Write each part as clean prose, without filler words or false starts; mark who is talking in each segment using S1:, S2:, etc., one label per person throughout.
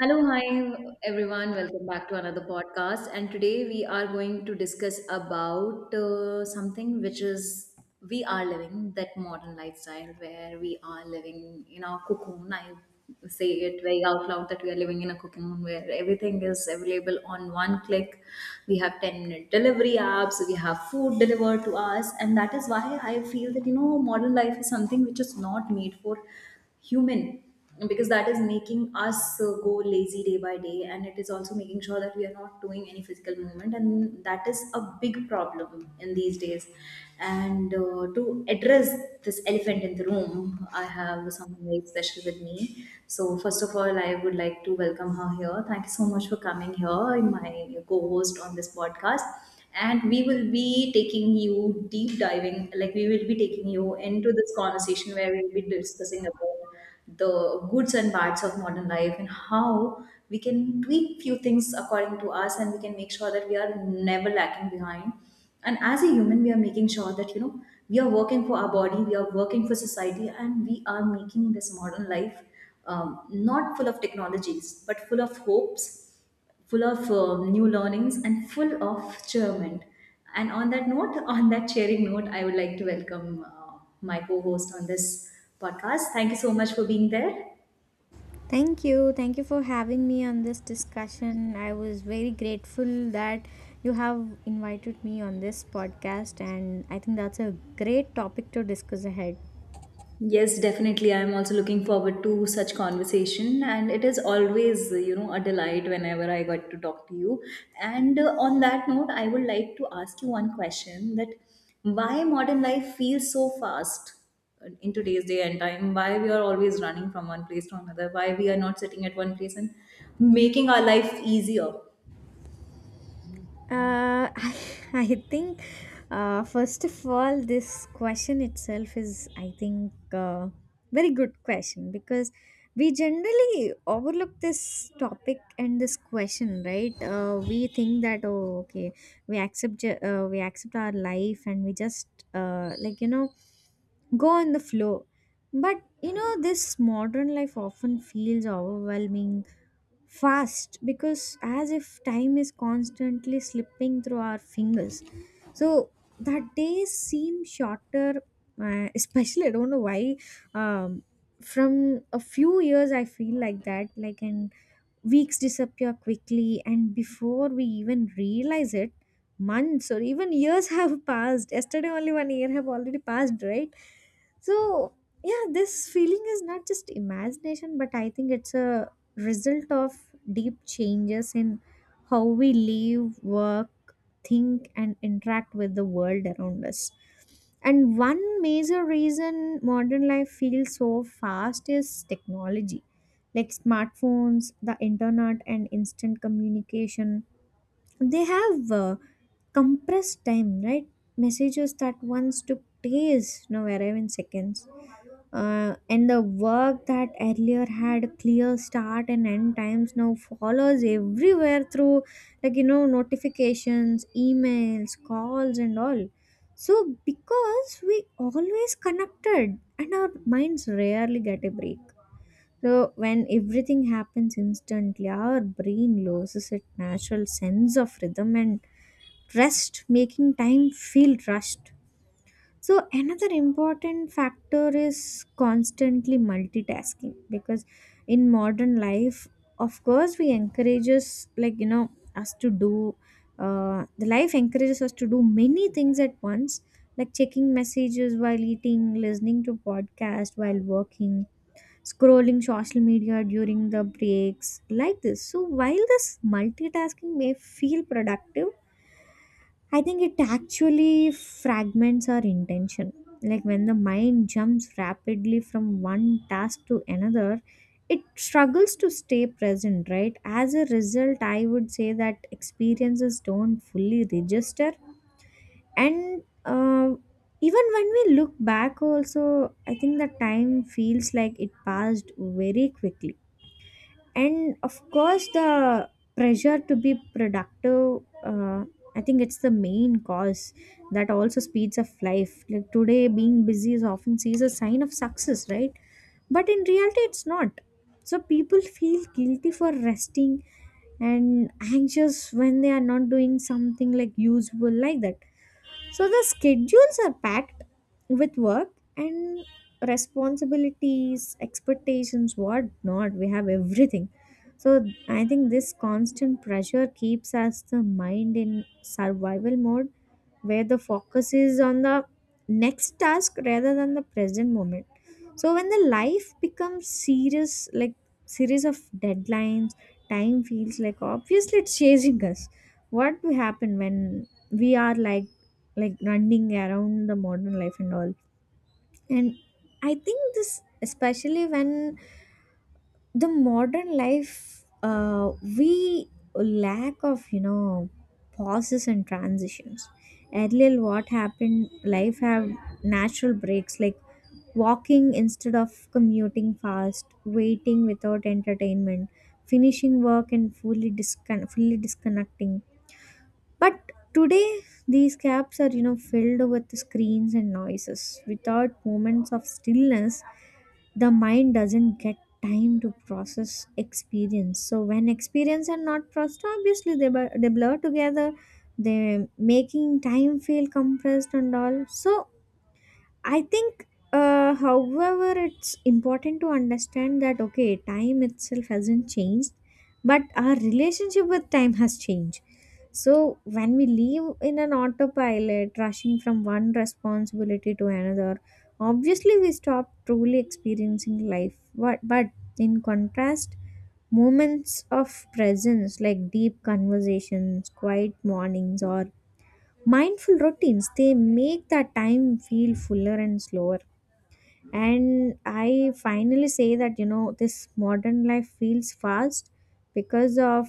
S1: Hello, hi everyone. Welcome back to another podcast. And today we are going to discuss about something which is we are living that modern lifestyle where we are living in our cocoon. I say it very out loud that we are living in a cocoon where everything is available on one click. We have 10-minute delivery apps, we have food delivered to us, and that is why I feel that you know modern life is something which is not made for human because that is making us go lazy day by day, and it is also making sure that we are not doing any physical movement, and that is a big problem in these days. And to address this elephant in the room, I have someone very special with me. So first of all, I would like to welcome her here. Thank you so much for coming here, my co-host on this podcast. And we will be taking you deep diving, like we will be taking you into this conversation where we will be discussing about the goods and bads of modern life and how we can tweak few things according to us, and we can make sure that we are never lacking behind. And as a human, we are making sure that you know we are working for our body, we are working for society, and we are making this modern life not full of technologies but full of hopes, full of new learnings and full of cheerment. And on that note, on that cheering note, I would like to welcome my co host on this podcast. Thank you so much for being there.
S2: Thank you. Thank you for having me on this discussion. I was very grateful that you have invited me on this podcast, and I think that's a great topic to discuss ahead.
S1: Yes, definitely. I'm also looking forward to such conversation, and it is always, you know, a delight whenever I got to talk to you. And on that note, I would like to ask you one question: that why modern life feels so fast in today's day and time? Why we are always running from one place to another? Why we are not sitting at one place and making our life easier?
S2: Uh, I think, first of all, this question itself is, I think, very good question because we generally overlook this topic and this question, right? We think that, oh, okay, we accept our life and we just uh, like you know go on the flow, but you know this modern life often feels overwhelming fast, because as if time is constantly slipping through our fingers, so that days seem shorter, especially I don't know why. um, from a few years I feel like that like and weeks disappear quickly, and before we even realize it, months or even years have passed. Yesterday, only 1 year have already passed, right? So, yeah, this feeling is not just imagination, but I think it's a result of deep changes in how we live, work, think, and interact with the world around us. And one major reason modern life feels so fast is technology. Like smartphones, the internet, and instant communication. They have compressed time, right? Messages that once took days now arrive in seconds. And the work that earlier had a clear start and end times now follows everywhere through, like, you know, notifications, emails, calls, and all. So, because we always connected and our minds rarely get a break. So, when everything happens instantly, our brain loses its natural sense of rhythm and rest, making time feel rushed. So another important factor is constantly multitasking, because in modern life, of course, we encourages, like you know, us to do, the life encourages us to do many things at once, like checking messages while eating, listening to podcast while working, scrolling social media during the breaks like this. So while this multitasking may feel productive, I think it actually fragments our intention. Like when the mind jumps rapidly from one task to another, it struggles to stay present, right? As a result, I would say that experiences don't fully register. And even when we look back also, I think the time feels like it passed very quickly. And of course the pressure to be productive, I think it's the main cause that also speeds up life. Like today being busy is often seen as a sign of success, right? But in reality it's not. So people feel guilty for resting and anxious when they are not doing something like useful, like that. So the schedules are packed with work and responsibilities, expectations, what not. We have everything. So I think this constant pressure keeps us the mind in survival mode, where the focus is on the next task rather than the present moment. So when the life becomes serious like series of deadlines, time feels like, obviously, it's chasing us. What will happen when we are like running around the modern life and all. And I think this, especially when the modern life, we lack of, you know, pauses and transitions. Earlier what happened, life have natural breaks like walking instead of commuting fast, waiting without entertainment, finishing work and fully fully disconnecting. But today, these cabs are, you know, filled with screens and noises. Without moments of stillness, the mind doesn't get time to process experience. So when experience are not processed, obviously they blur together. They making time feel compressed and all. So I think, however, it's important to understand that, okay, time itself hasn't changed, but our relationship with time has changed. So when we live in an autopilot, rushing from one responsibility to another, obviously we stop truly experiencing life. But in contrast, moments of presence like deep conversations, quiet mornings, or mindful routines, they make that time feel fuller and slower. And I finally say that, you know, this modern life feels fast because of,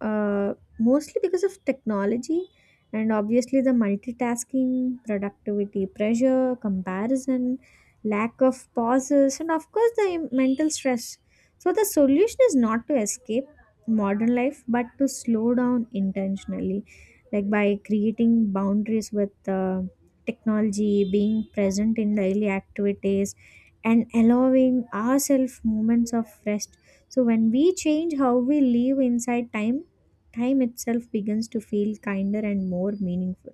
S2: uh, mostly because of technology, and obviously the multitasking, productivity pressure, comparison, lack of pauses, and of course the mental stress. So the solution is not to escape modern life, but to slow down intentionally, like by creating boundaries with technology, being present in daily activities, and allowing ourselves moments of rest. So when we change how we live inside time, time itself begins to feel kinder and more meaningful.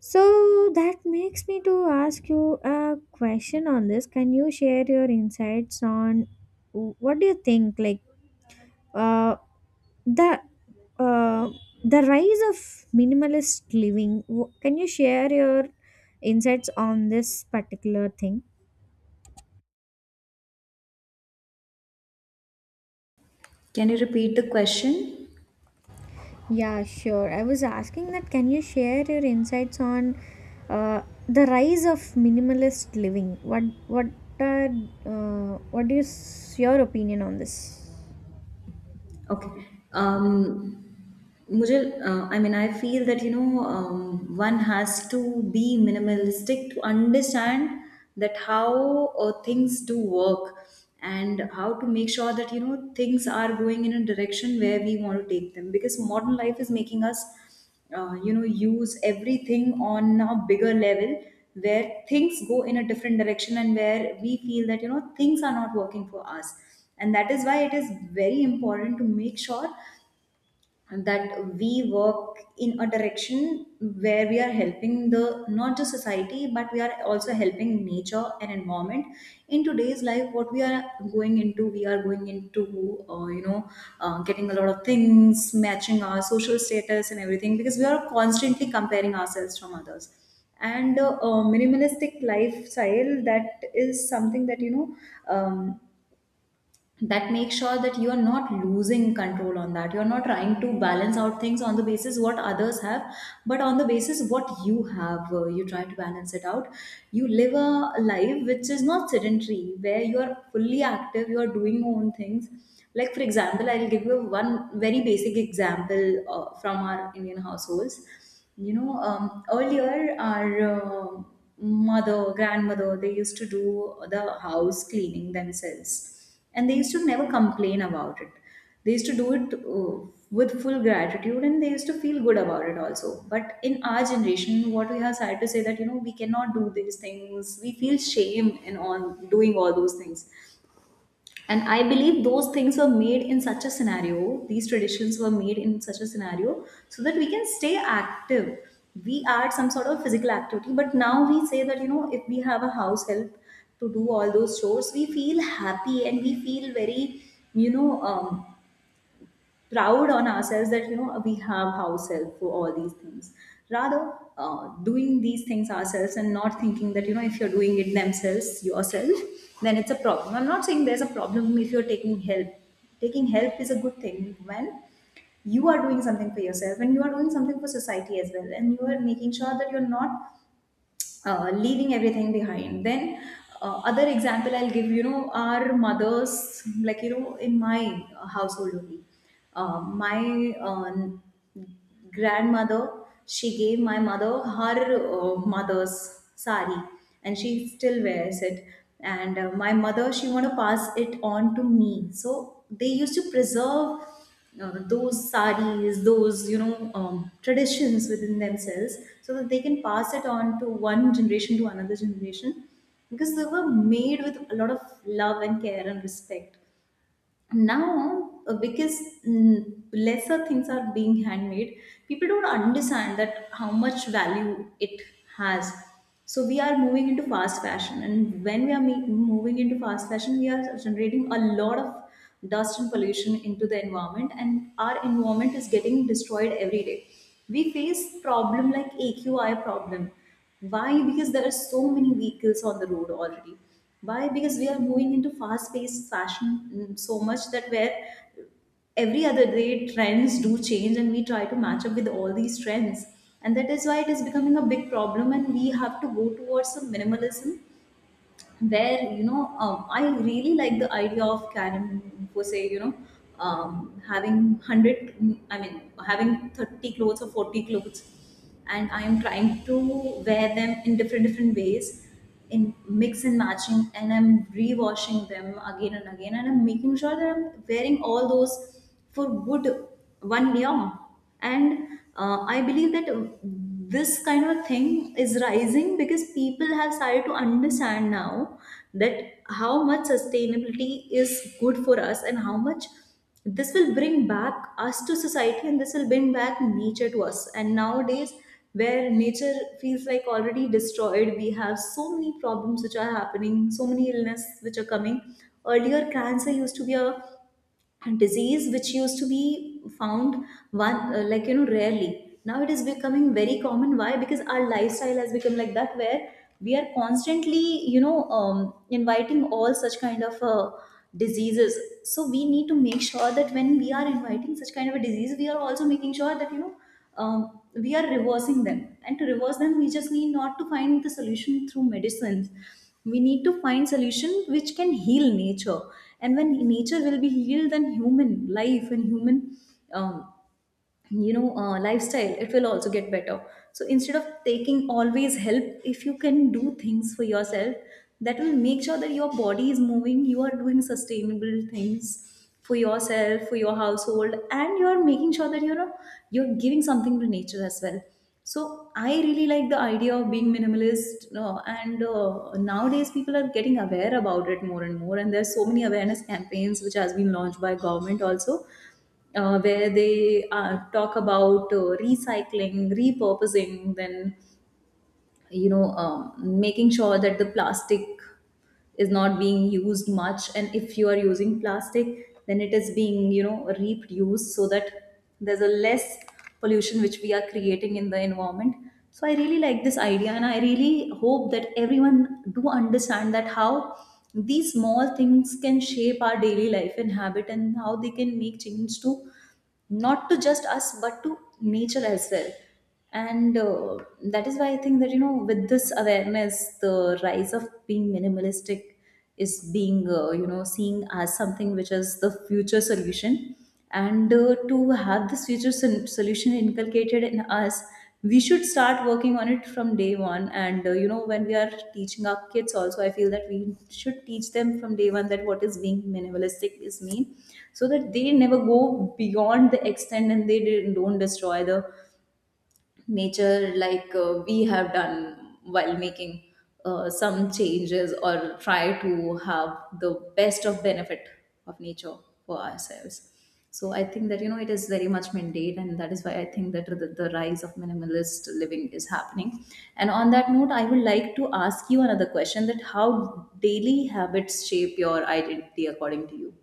S2: So that makes me to ask you a question on this. Can you share your insights on what do you think, like, uh, the uh, the rise of minimalist living? Can you share your insights on this particular thing?
S1: Can you repeat the question?
S2: Yeah, sure. I was asking that, can you share your insights on uh, the rise of minimalist living? What are, what is your opinion on this?
S1: Okay. Um, मुझे I mean, I feel that you know one has to be minimalistic to understand that how things do work and how to make sure that you know things are going in a direction where we want to take them, because modern life is making us you know use everything on a bigger level where things go in a different direction and where we feel that you know things are not working for us. And that is why it is very important to make sure that we work in a direction where we are helping the not just society but we are also helping nature and environment. In today's life, what we are going into, we are going into uh, you know getting a lot of things matching our social status and everything, because we are constantly comparing ourselves from others. And a minimalistic lifestyle, that is something that you know um, that makes sure that you are not losing control on that, you're not trying to balance out things on the basis what others have, but on the basis what you have, you try to balance it out. You live a life which is not sedentary, where you are fully active, you are doing your own things. Like for example, I'll give you one very basic example from our Indian households. You know, earlier our mother, grandmother, they used to do the house cleaning themselves, and they used to never complain about it. They used to do it with full gratitude, and they used to feel good about it also. But in our generation, what we have started to say that you know we cannot do these things. We feel shame in on doing all those things. And I believe those things were made in such a scenario, these traditions were made in such a scenario, so that we can stay active, we add some sort of physical activity. But now we say that you know if we have a house help to do all those chores, we feel happy, and we feel very you know proud on ourselves that you know we have house help for all these things, rather doing these things ourselves. And not thinking that you know if you're doing it themselves yourself, then it's a problem. I'm not saying there's a problem if you're taking help. Taking help is a good thing when you are doing something for yourself, and you are doing something for society as well, and you are making sure that you're not leaving everything behind. Then other example I'll give, you know our mothers, like you know in my household only, uh, my uh, grandmother, she gave my mother her mother's sari, and she still wears it. And my mother, she want to pass it on to me. So they used to preserve those saris, those you know traditions within themselves, so that they can pass it on to one generation to another generation, because they were made with a lot of love and care and respect. Now because lesser things are being handmade, people don't understand that how much value it has. So we are moving into fast fashion, and when we are moving into fast fashion, we are generating a lot of dust and pollution into the environment, and our environment is getting destroyed every day. We face problem like AQI problem. Why? Because there are so many vehicles on the road already. Why? Because we are moving into fast paced fashion so much that where every other day trends do change and we try to match up with all these trends. And that is why it is becoming a big problem, and we have to go towards some minimalism where you know I really like the idea of Karen for say, you know, having 100 i mean having 30 clothes or 40 clothes. And I am trying to wear them in different different ways, in mix and matching, and I'm rewashing them again and again, and I'm making sure that I'm wearing all those for good 1 year. And I believe that this kind of thing is rising because people have started to understand now that how much sustainability is good for us, and how much this will bring back us to society, and this will bring back nature to us. And nowadays, where nature feels like already destroyed, we have so many problems which are happening, so many illness which are coming. Earlier cancer used to be a disease which used to be found one like you know rarely. Now it is becoming very common. Why? Because our lifestyle has become like that, where we are constantly you know inviting all such kind of diseases. So we need to make sure that when we are inviting such kind of a disease, we are also making sure that you know we are reversing them. And to reverse them, we just need not to find the solution through medicines, we need to find solution which can heal nature. And when nature will be healed, then human life and human um, you know lifestyle, it will also get better. So instead of taking always help, if you can do things for yourself, that will make sure that your body is moving, you are doing sustainable things for yourself, for your household, and you are making sure that you know you're giving something to nature as well. So I really like the idea of being minimalist, and nowadays people are getting aware about it more and more, and there's so many awareness campaigns which has been launched by government also, where they talk about recycling, repurposing, then you know making sure that the plastic is not being used much, and if you are using plastic, then it is being you know reproduced so that there's a less pollution which we are creating in the environment. So I really like this idea, and I really hope that everyone do understand that how these small things can shape our daily life and habit, and how they can make change to not to just us but to nature as well. And that is why I think that you know with this awareness the rise of being minimalistic is being you know seeing as something which is the future solution. And to have this solution inculcated in us, we should start working on it from day one. And you know, when we are teaching our kids also, I feel that we should teach them from day one that what is being minimalistic is mean, so that they never go beyond the extent and they don't destroy the nature like we have done while making some changes or try to have the best of benefit of nature for ourselves. So I think that you know it is very much mandate, and that is why I think that the rise of minimalist living is happening. And on that note, I would like to ask you another question, that how daily habits shape your identity according to you.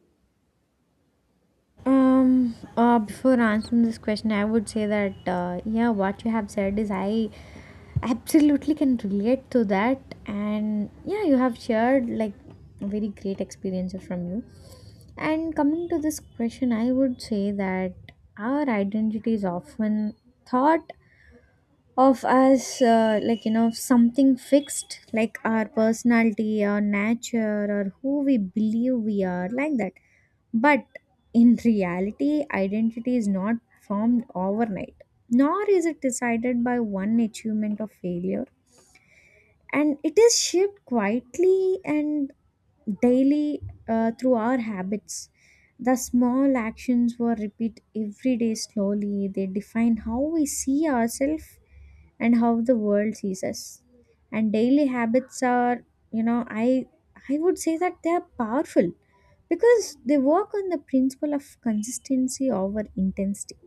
S2: Before answering this question, I would say that, yeah, what you have said is, I absolutely can relate to that, and yeah, you have shared like very great experiences from you. And coming to this question, I would say that our identity is often thought of as, like you know, something fixed, like our personality, our nature, or who we believe we are, like that. But in reality, identity is not formed overnight, nor is it decided by one achievement or failure, and it is shaped quietly and daily through our habits. The small actions were repeat every day slowly. They define how we see ourselves and how the world sees us. And daily habits are, you know, I would say that they are powerful because they work on the principle of consistency over intensity.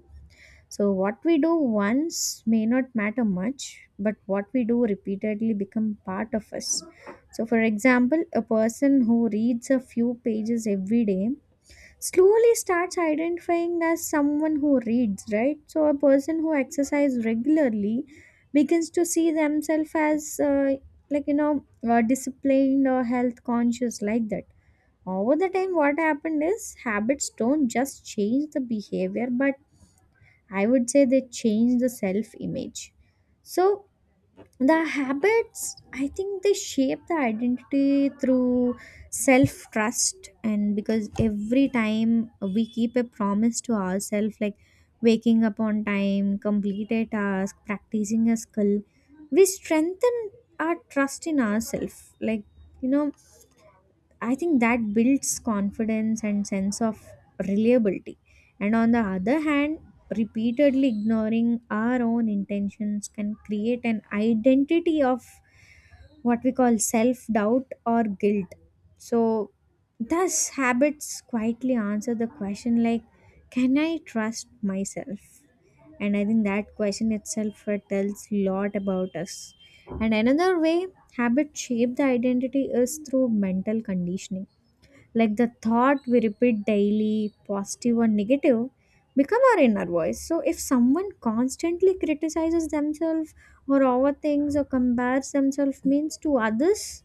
S2: So what we do once may not matter much, but what we do repeatedly become part of us. So, for example, a person who reads a few pages every day slowly starts identifying as someone who reads, right? So a person who exercises regularly begins to see themselves as, like, you know, disciplined or health conscious, like that. Over the time, what happened is habits don't just change the behavior, but I would say they change the self image. So the habits, I think they shape the identity through self trust. And because every time we keep a promise to ourselves, like waking up on time, complete a task, practicing a skill, we strengthen our trust in ourselves. Like, you know, I think that builds confidence and sense of reliability. And on the other hand, repeatedly ignoring our own intentions can create an identity of what we call self doubt or guilt. So, thus, habits quietly answer the question like, can I trust myself? And I think that question itself tells a lot about us. And another way habits shape the identity is through mental conditioning, like the thought we repeat daily, positive or negative, become our inner voice. So if someone constantly criticizes themselves or overthinks or compares themselves means to others,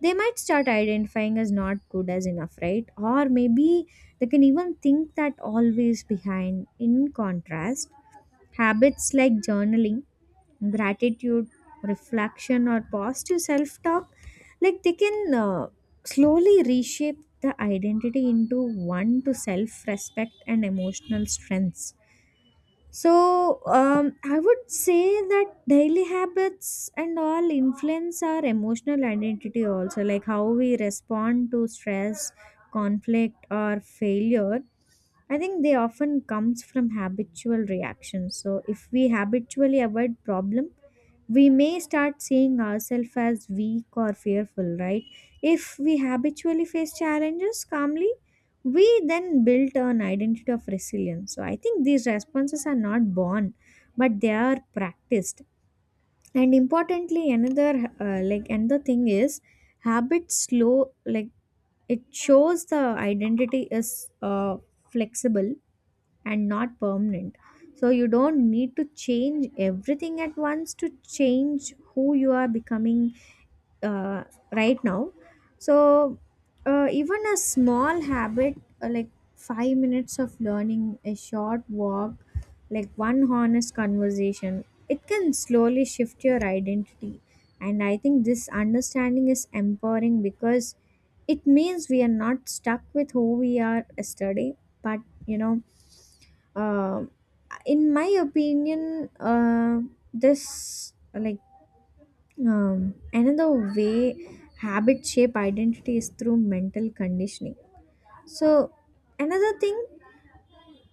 S2: they might start identifying as not good as enough, right? Or maybe they can even think that always behind. In contrast, habits like journaling, gratitude, reflection, or positive self-talk, like they can slowly reshape the identity into one to self-respect and emotional strengths. So, I would say that daily habits and all influence our emotional identity also, like how we respond to stress, conflict, or failure. I think they often comes from habitual reactions. So, if we habitually avoid problem, we may start seeing ourselves as weak or fearful, right? If we habitually face challenges calmly, we then built an identity of resilience. So I think these responses are not born, but they are practiced. And importantly, another another thing is habit slow, like it shows the identity is uh, flexible and not permanent. So you don't need to change everything at once to change who you are becoming uh, right now. So even a small habit, like 5 minutes of learning, a short walk, like one honest conversation, it can slowly shift your identity. And I think this understanding is empowering, because it means we are not stuck with who we are yesterday, but you know, um in my opinion, uh, this like, another way habit shape identity is through mental conditioning. So another thing,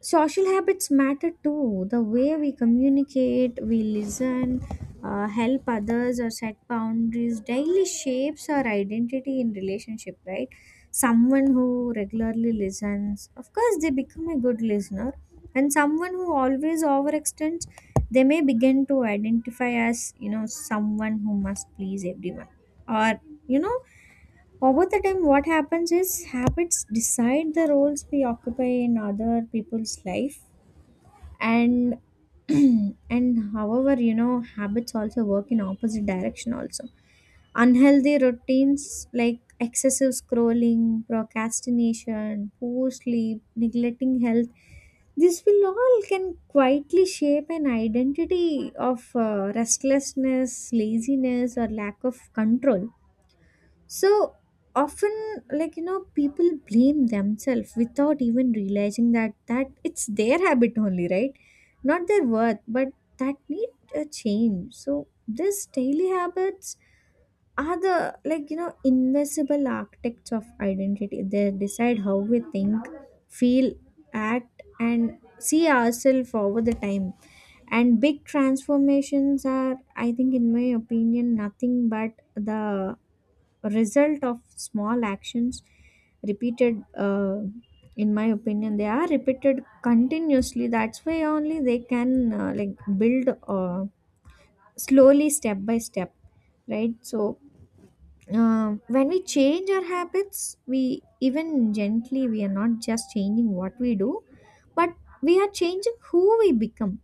S2: social habits matter too. The way we communicate, we listen, help others, or set boundaries daily shapes our identity in relationship, right? Someone who regularly listens, of course, they become a good listener, and someone who always overextends, they may begin to identify as, you know, someone who must please everyone. Or, you know, over the time, what happens is habits decide the roles we occupy in other people's life. And and, however, you know, habits also work in opposite direction also. Unhealthy routines like excessive scrolling, procrastination, poor sleep, neglecting health, this will all can quietly shape an identity of restlessness, laziness, or lack of control. So often, like, you know, people blame themselves without even realizing that it's their habit only, right? Not their worth, but that need a change. So this daily habits are the, like you know, invisible architects of identity. They decide how we think, feel, act, and see ourselves over the time. And big transformations are, I think in my opinion, nothing but the result of small actions repeated. In my opinion, they are repeated continuously, that's why only they can build slowly, step by step, right? So, when we change our habits, we even gently, we are not just changing what we do, but we are changing who we become.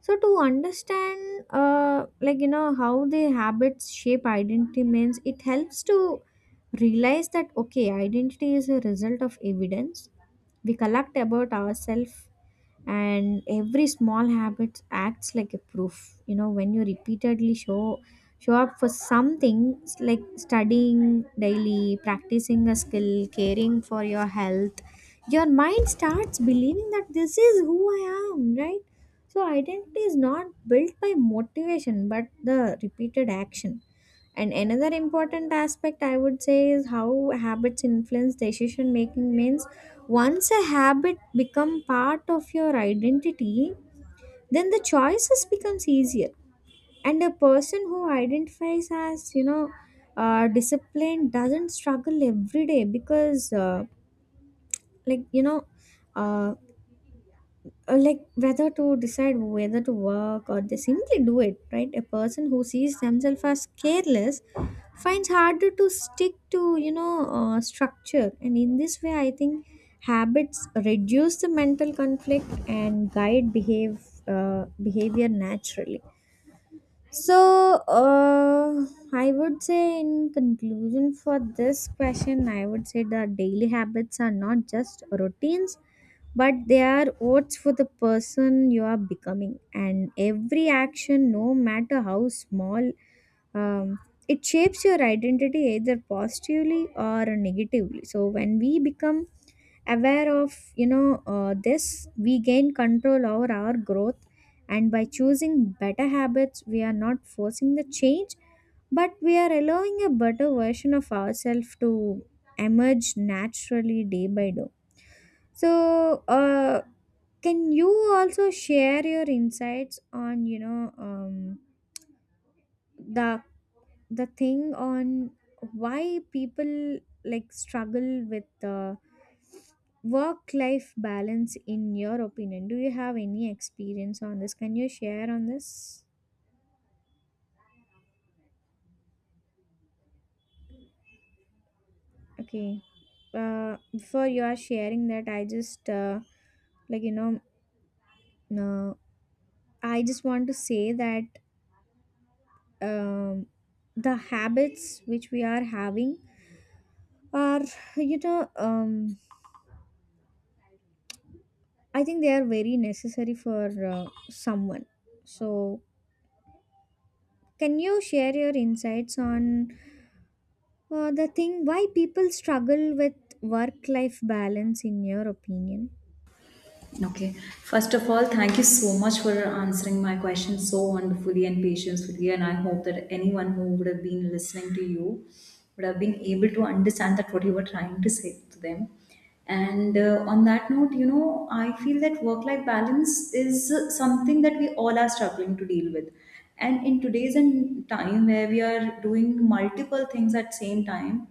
S2: So, to understand, how the habits shape identity means, it helps to realize that, okay, identity is a result of evidence we collect about ourselves. And every small habit acts like a proof. You know, when you repeatedly show up for something, like studying daily, practicing a skill, caring for your health, your mind starts believing that this is who I am, right? So identity is not built by motivation, but the repeated action. And another important aspect I would say is how habits influence decision making means, once a habit become part of your identity, then the choices becomes easier. And a person who identifies as, you know, disciplined, doesn't struggle every day because, like you know uh, whether to decide whether to work, or they simply do it, right? A person who sees themselves as careless finds harder to stick to, you know, structure. And in this way, I think habits reduce the mental conflict and guide behave behavior naturally. So, I would say, in conclusion for this question, I would say that daily habits are not just routines, but they are votes for the person you are becoming. And every action, no matter how small, um, it shapes your identity either positively or negatively. So, when we become aware of, you know, this, we gain control over our growth. And by choosing better habits, we are not forcing the change, but we are allowing a better version of ourselves to emerge naturally, day by day. So can you also share your insights on, you know, the thing on why people like struggle with work life balance, in your opinion? Do you have any experience on this? Can you share on this? Okay, before you are sharing that, I just, like you know uh, I just want to say that, um, the habits which we are having are, you know, I think they are very necessary for someone. So can you share your insights on, the thing why people struggle with work life balance, in your opinion?
S1: Okay. First of all, thank you so much for answering my question so wonderfully and patiently. And I hope that anyone who would have been listening to you would have been able to understand that what you were trying to say to them. And on that note, you know, I feel that work life balance is something that we all are struggling to deal with. And in today's and time where we are doing multiple things at same time,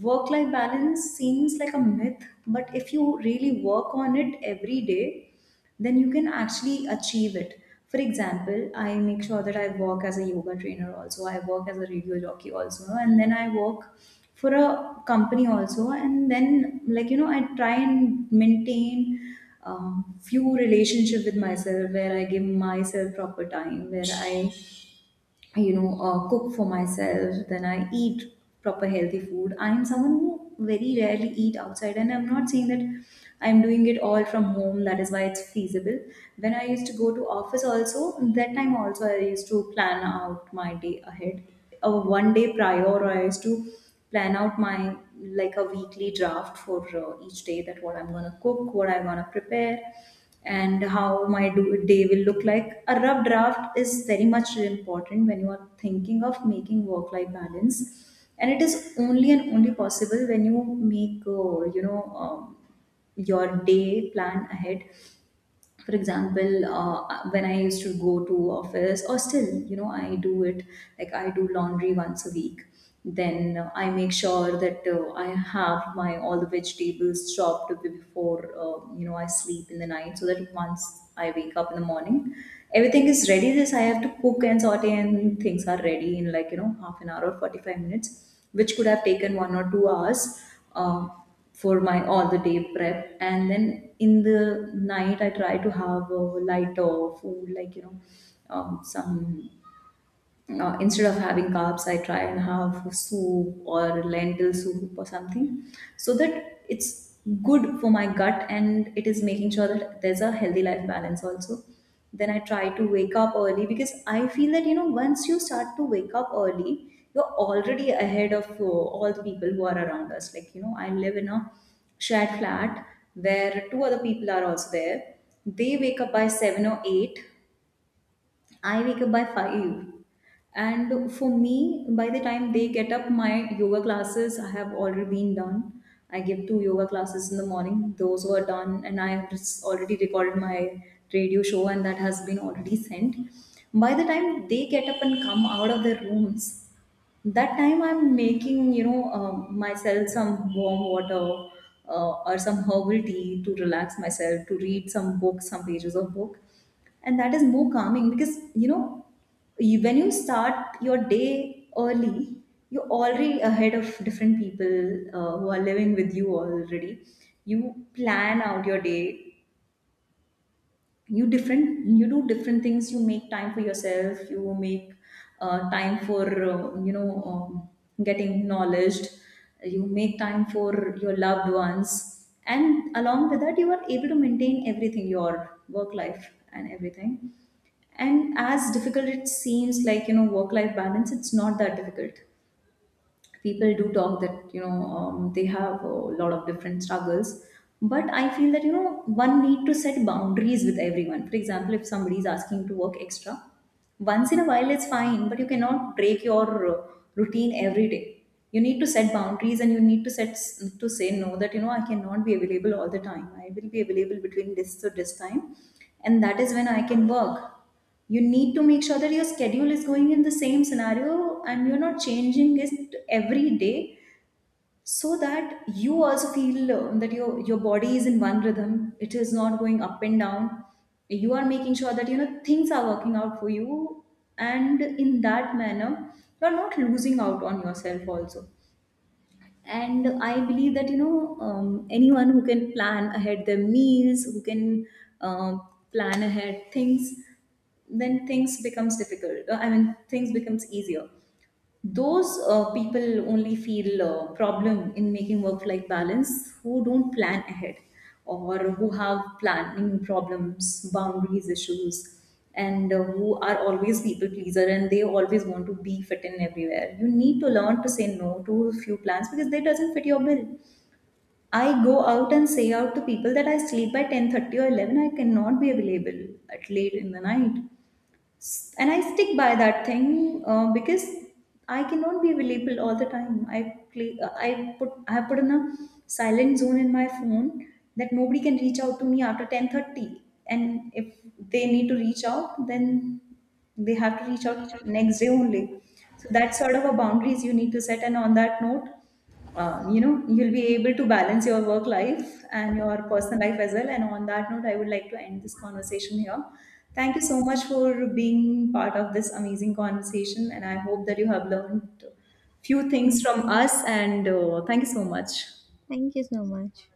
S1: work life balance seems like a myth, but if you really work on it every day, then you can actually achieve it. For example, I make sure that I work as a yoga trainer also, I work as a radio jockey also, and then I work for a company also, and then like you know, I try and maintain few relationship with myself, where I give myself proper time, where I you know cook for myself, then I eat proper healthy food. I am someone who very rarely eat outside, and I'm not saying that I'm doing it all from home, that is why it's feasible. When I used to go to office also, that time also I used to plan out my day ahead, or one day prior, or I used to plan out my, like, a weekly draft for each day, that what I'm going to cook, what I'm going to prepare, and how my day will look like. A rough draft is very much important when you are thinking of making work life balance. And it is only and only possible when you make, you know, your day plan ahead. For example, when I used to go to office, or still you know I do it, like I do laundry once a week, then I make sure that I have my all the vegetables chopped before you know I sleep in the night, so that once I wake up in the morning everything is ready, this I have to cook and saute, and things are ready in like you know half an hour or 45 minutes, which could have taken 1 or 2 hours um, for my all the day prep. And then in the night, I try to have a lighter food, like you know, some instead of having carbs, I try and have soup or lentil soup or something, so that it's good for my gut, and it is making sure that there's a healthy life balance also. Then I try to wake up early, because I feel that you know once you start to wake up early, you're already ahead of all the people who are around us. Like you know, I live in a shared flat where two other people are also there. They wake up by 7 or 8. I wake up by 5. And for me, by the time they get up, my yoga classes I have already been done. I give two yoga classes in the morning. Those were done, and I have just already recorded my radio show, and that has been already sent. By the time they get up and come out of their rooms, that time I'm making, you know, myself some warm water or some herbal tea, to relax myself, to read some book, some pages of book. And that is more calming, because you know, you, when you start your day early, you're already ahead of different people who are living with you already. You plan out your day, you different, you do different things, you make time for yourself, you make time for you know getting knowledge, you make time for your loved ones, and along with that you are able to maintain everything, your work life and everything. And as difficult it seems like, you know, work life balance, it's not that difficult. People do talk that you know they have a lot of different struggles, but I feel that you know one need to set boundaries with everyone. For example, if somebody is asking to work extra once in a while, it's fine, but you cannot break your uh, routine every day. You need to set boundaries, and you need to set, to say no, that you know I cannot be available all the time, I will be available between this to this time, and that is when I can work. You need to make sure that your schedule is going in the same scenario, and you're not changing it every day, so that you also feel that your body is in one rhythm, it is not going up and down. You are making sure that you know things are working out for you, and in that manner you're not losing out on yourself also. And I believe that you know anyone who can plan ahead their meals, who can uh, plan ahead things, then things becomes difficult I mean, things becomes easier. Those people only feel problem in making work life balance who don't plan ahead, or who have planning problems, boundaries issues, and who are always people pleaser, and they always want to be fit in everywhere. You need to learn to say no to a few plans, because they doesn't fit your bill. I go out and say out to people that I sleep by 10:30 or 11, I cannot be available at late in the night, and I stick by that thing because I cannot be available all the time. I play uh, i put i have put in a silent zone in my phone, that nobody can reach out to me after 10:30, and if they need to reach out, then they have to reach out next day only. So that sort of a boundaries you need to set, and on that note, you know, you'll be able to balance your work life and your personal life as well. And on that note, I would like to end this conversation here. Thank you so much for being part of this amazing conversation, and I hope that you have learned few things
S2: Thank
S1: from
S2: you.
S1: us, and thank you so much.
S2: Thank you so much.